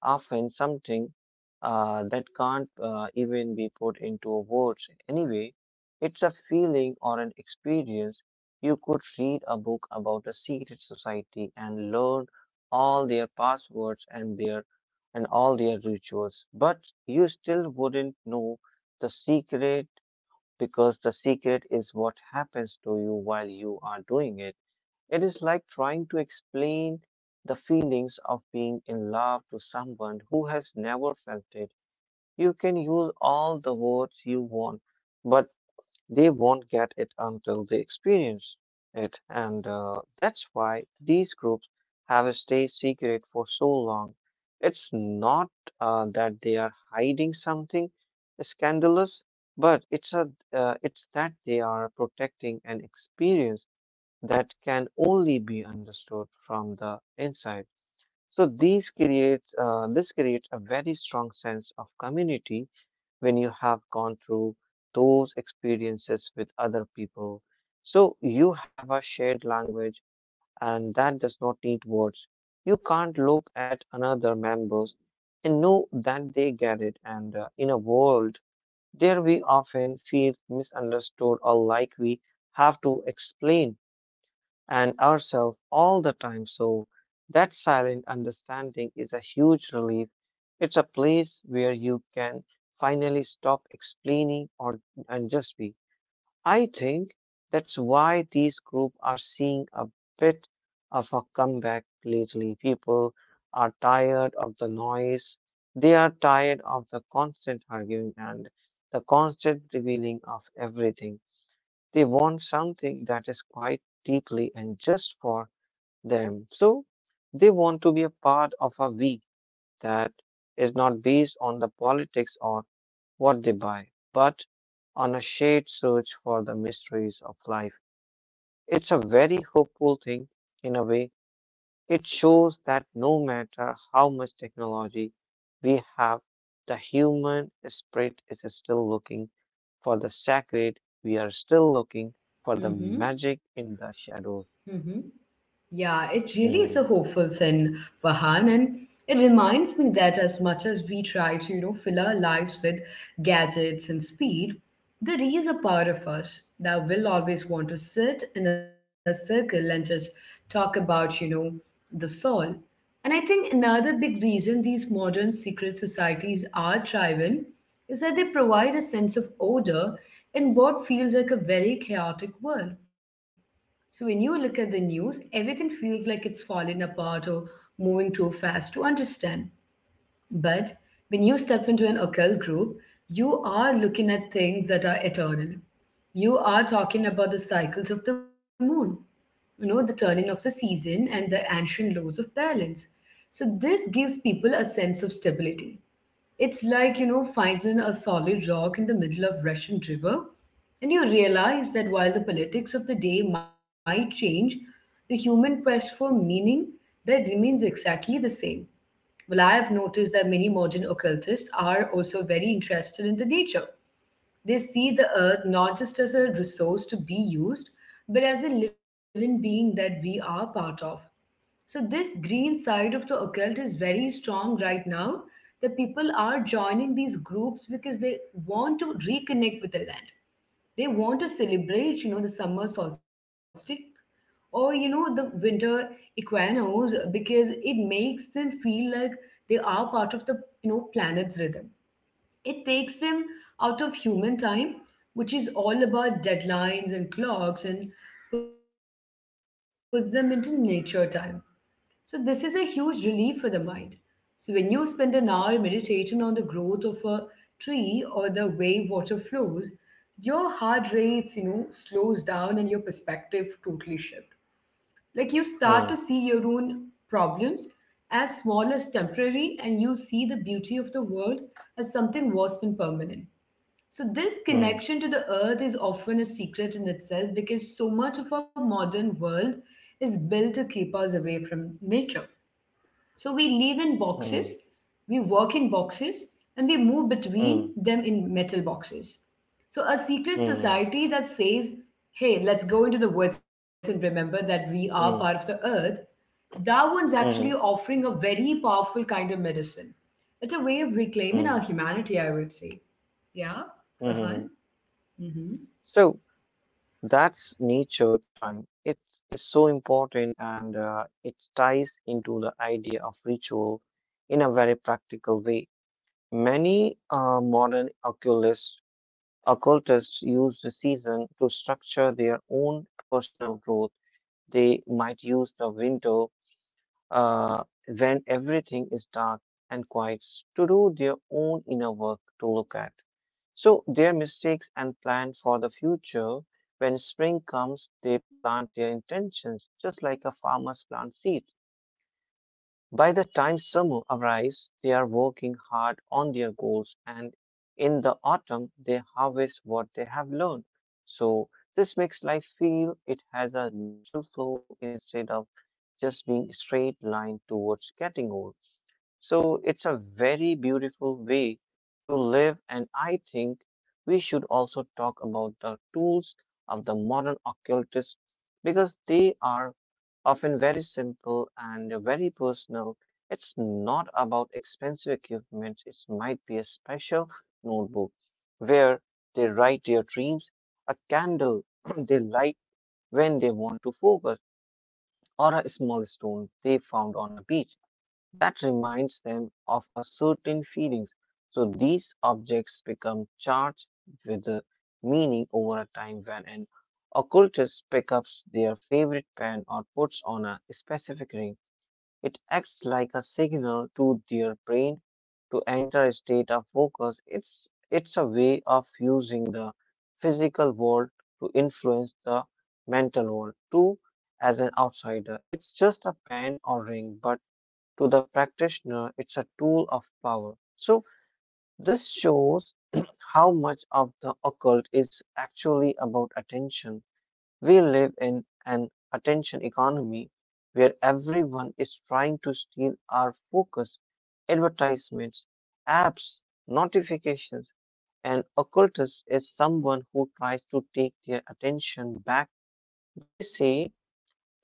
often something that can't even be put into words anyway. It's a feeling or an experience. You could read a book about a secret society and learn all their passwords and their and all their rituals, but you still wouldn't know the secret because the secret is what happens to you while you are doing it. It is like trying to explain the feelings of being in love to someone who has never felt it. You can use all the words you want, but they won't get it until they experience it. And that's why these groups have stayed secret for so long. It's not that they are hiding something scandalous, but it's that they are protecting an experience that can only be understood from the inside. So these creates This creates a very strong sense of community when you have gone through those experiences with other people. So you have a shared language, and that does not need words. You can't look at another members and know that they get it. And in a world there we often feel misunderstood or like we have to explain and ourselves all the time. So, that silent understanding is a huge relief. It's a place where you can finally stop explaining or and just be. I think that's why these groups are seeing a bit of a comeback lately. People are tired of the noise. They are tired of the constant arguing and the constant revealing of everything. They want something that is quite deeply and just for them. So they want to be a part of a we that is not based on the politics or what they buy, but on a shared search for the mysteries of life. It's a very hopeful thing in a way it shows that no matter how much technology we have, the human spirit is still looking for the sacred. We are still looking for the
Mm-hmm.
magic in the shadows.
Mm-hmm. Yeah, it really is a hopeful
Hmm,
thing, Vahan, and it reminds me that as much as we try to, fill our lives with gadgets and speed, there is a part of us that will always want to sit in a circle and just talk about, the soul. And I think another big reason these modern secret societies are thriving is that they provide a sense of order in what feels like a very chaotic world. So when you look at the news, everything feels like it's falling apart or moving too fast to understand. But when you step into an occult group, you are looking at things that are eternal. You are talking about the cycles of the moon, you know, the turning of the season and the ancient laws of balance. So this gives people a sense of stability. It's like, finding a solid rock in the middle of Russian river. And you realize that while the politics of the day might change, the human quest for meaning, that remains exactly the same. Well, I have noticed that many modern occultists are also very interested in the nature. They see the earth not just as a resource to be used, but as a living being that we are part of. So this green side of the occult is very strong right now. The people are joining these groups because they want to reconnect with the land. They want to celebrate, the summer solstice or the winter equinox, because it makes them feel like they are part of the planet's rhythm. It takes them out of human time, which is all about deadlines and clocks, and puts them into nature time. So, this is a huge relief for the mind. So, when you spend an hour meditating on the growth of a tree or the way water flows, your heart rates, slows down and your perspective totally shift. Like you start to see your
hmm,
own problems as small as temporary, and you see the beauty of the world as something vast and permanent. So, this
hmm,
connection to the earth is often a secret in itself, because so much of our modern world is built to keep us away from nature. So we live in
hmm,
boxes, we work in boxes, and we move between
hmm,
them in metal boxes. So a secret
hmm,
society that says, hey, let's go into the woods and remember that we are part of the
hmm,
earth, that one's actually
hmm,
offering a very powerful kind of medicine. It's a way of reclaiming our
hmm,
humanity, I would say. Yeah, Farhan?
hmm.
Mm-hmm.
So that's nature time. It's so important and it ties into the idea of ritual in a very practical way. Many modern occultists use the season to structure their own personal growth. They might use the winter uh, when everything is dark and quiet to do their own inner work to look at. So their mistakes and plan for the future. When spring comes, they plant their intentions just like a farmer's plant seed. By the time summer arrives, they are working hard on their goals, and in the autumn, they harvest what they have learned. So, this makes life feel it has a natural flow instead of just being straight line towards getting old. So it's a very beautiful way to live, and I think we should also talk about the tools of the modern occultists because they are often very simple and very personal. It's not about expensive equipment, it might be a special notebook where they write their dreams, a candle they light when they want to focus, or a small stone they found on a beach that reminds them of a certain feelings. So these objects become charged with a meaning over a time when an occultist picks up their favorite pen or puts on a specific ring. It acts like a signal to their brain to enter a state of focus. It's a way of using the physical world to influence the mental world. Too, as an outsider, it's just a pen or ring, but to the practitioner, it's a tool of power. So, this shows how much of the occult is actually about attention. We live in an attention economy where everyone is trying to steal our focus. Advertisements, apps, notifications, an occultist is someone who tries to take their attention back. They say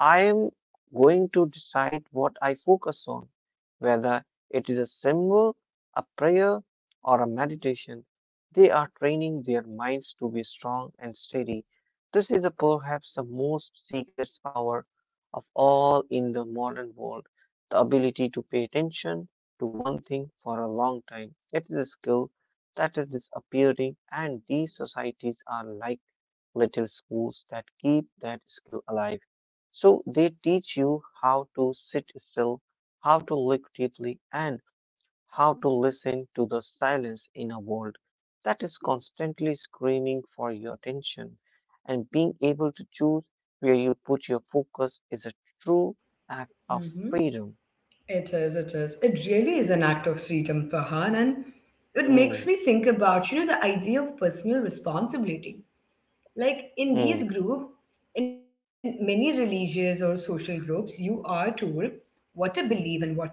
I am going to decide what I focus on, whether it is a symbol, a prayer, or a meditation. They are training their minds to be strong and steady. This is perhaps the most secret power of all in the modern world the ability to pay attention to one thing for a long time. It is a skill that is disappearing, and these societies are like little schools that keep that skill alive. So they teach you how to sit still, how to look deeply, and how to listen to the silence in a world that is constantly screaming for your attention. And being able to choose where you put your focus is a true act of
Mm-hmm.
freedom.
It, is, it is. It really is an act of freedom, Farhan, and it
Mm,
makes me think about, the idea of personal responsibility. Like in
mm,
these groups, in many religious or social groups, you are told what to believe and what to do.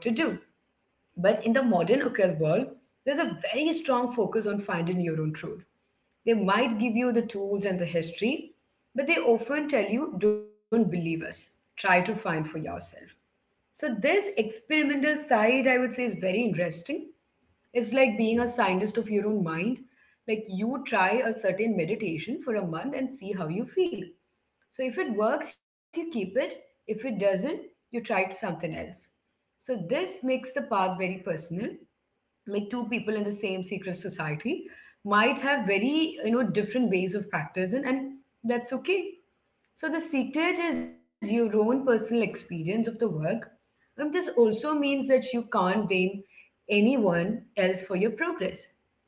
But in the modern occult world, there's a very strong focus on finding your own truth. They might give you the tools and the history, but they often tell you, don't believe us. Try to find for yourself. So this experimental side, I would say, is very interesting. It's like being a scientist of your own mind. Like you try a certain meditation for a month and see how you feel. So if it works, you keep it. If it doesn't, you try something else. So this makes the path very personal. Like two people in the same secret society might have very different ways of practicing, and that's okay. So the secret is your own personal experience of the work. And this also means that you can't blame anyone else for your progress.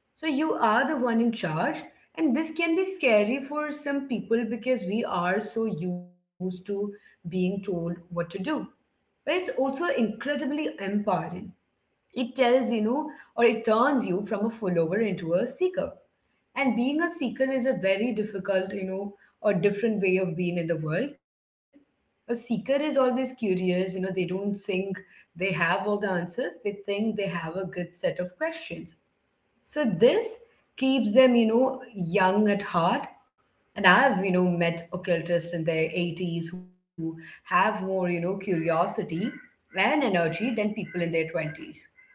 So you are the one in charge. And this can be scary for some people because we are so used to being told what to do. But it's also incredibly empowering. It tells or it turns you from a follower into a seeker, and being a seeker is a very difficult or different way of being in the world. A seeker is always curious. You know, they don't think they have all the answers, they think they have a good set of questions. So this keeps them, young at heart. And I have, met occultists in their 80s who have more, curiosity and energy than people in their 20s.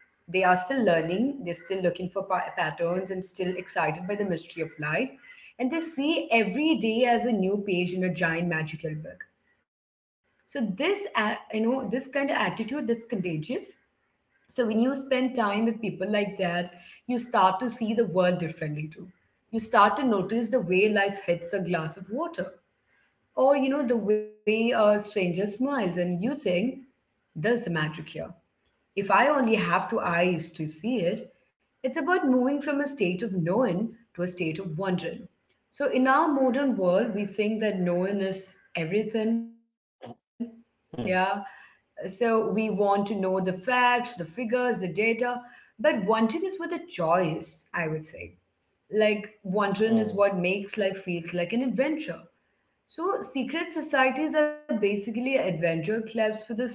They are still learning, they're still looking for patterns and still excited by the mystery of life. And they see every day as a new page in a giant magical book. So this, this kind of attitude that's contagious. So when you spend time with people like that, you start to see the world differently too. You start to notice the way life hits a glass of water, or the way a stranger smiles, and you think there's the magic here. If I only have two eyes to see it, it's about moving from a state of knowing to a state of wondering. So in our modern world, we think that knowing is everything. Yeah.
mm,
So we want to know the facts, the figures, the data. But wondering is with a choice, I would say. Like wondering is what
mm,
makes life feels like an adventure. So, secret societies are basically adventure clubs for the soul,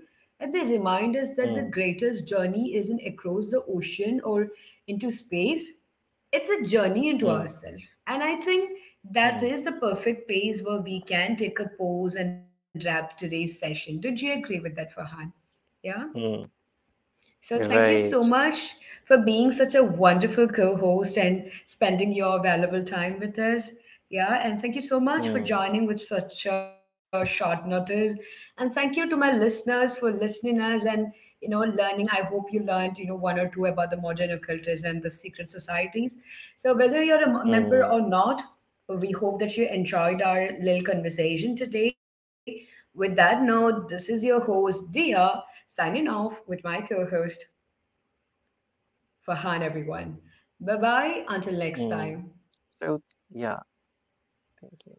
and they remind us that the
mm,
greatest journey isn't across the ocean or into space, it's a journey into
mm,
ourselves. And I think
mm,
that is the perfect place where we can take a pause and wrap today's session. Did you agree with that, Farhan? Yeah?
mm.
So, thank you
Right.
so much for being such a wonderful co host and spending your valuable time with us. Yeah, and thank you so much for
Mm,
joining with such a short notice. And thank you to my listeners for listening us and learning. I hope you learned you know one or two about the modern occultism and the secret societies. So whether you're a member
mm.
or not, we hope that you enjoyed our little conversation today. With that note, this is your host, Dia, signing off with my co host, Fahan, everyone. Bye bye, until next
Mm.
time.
So yeah, thank you.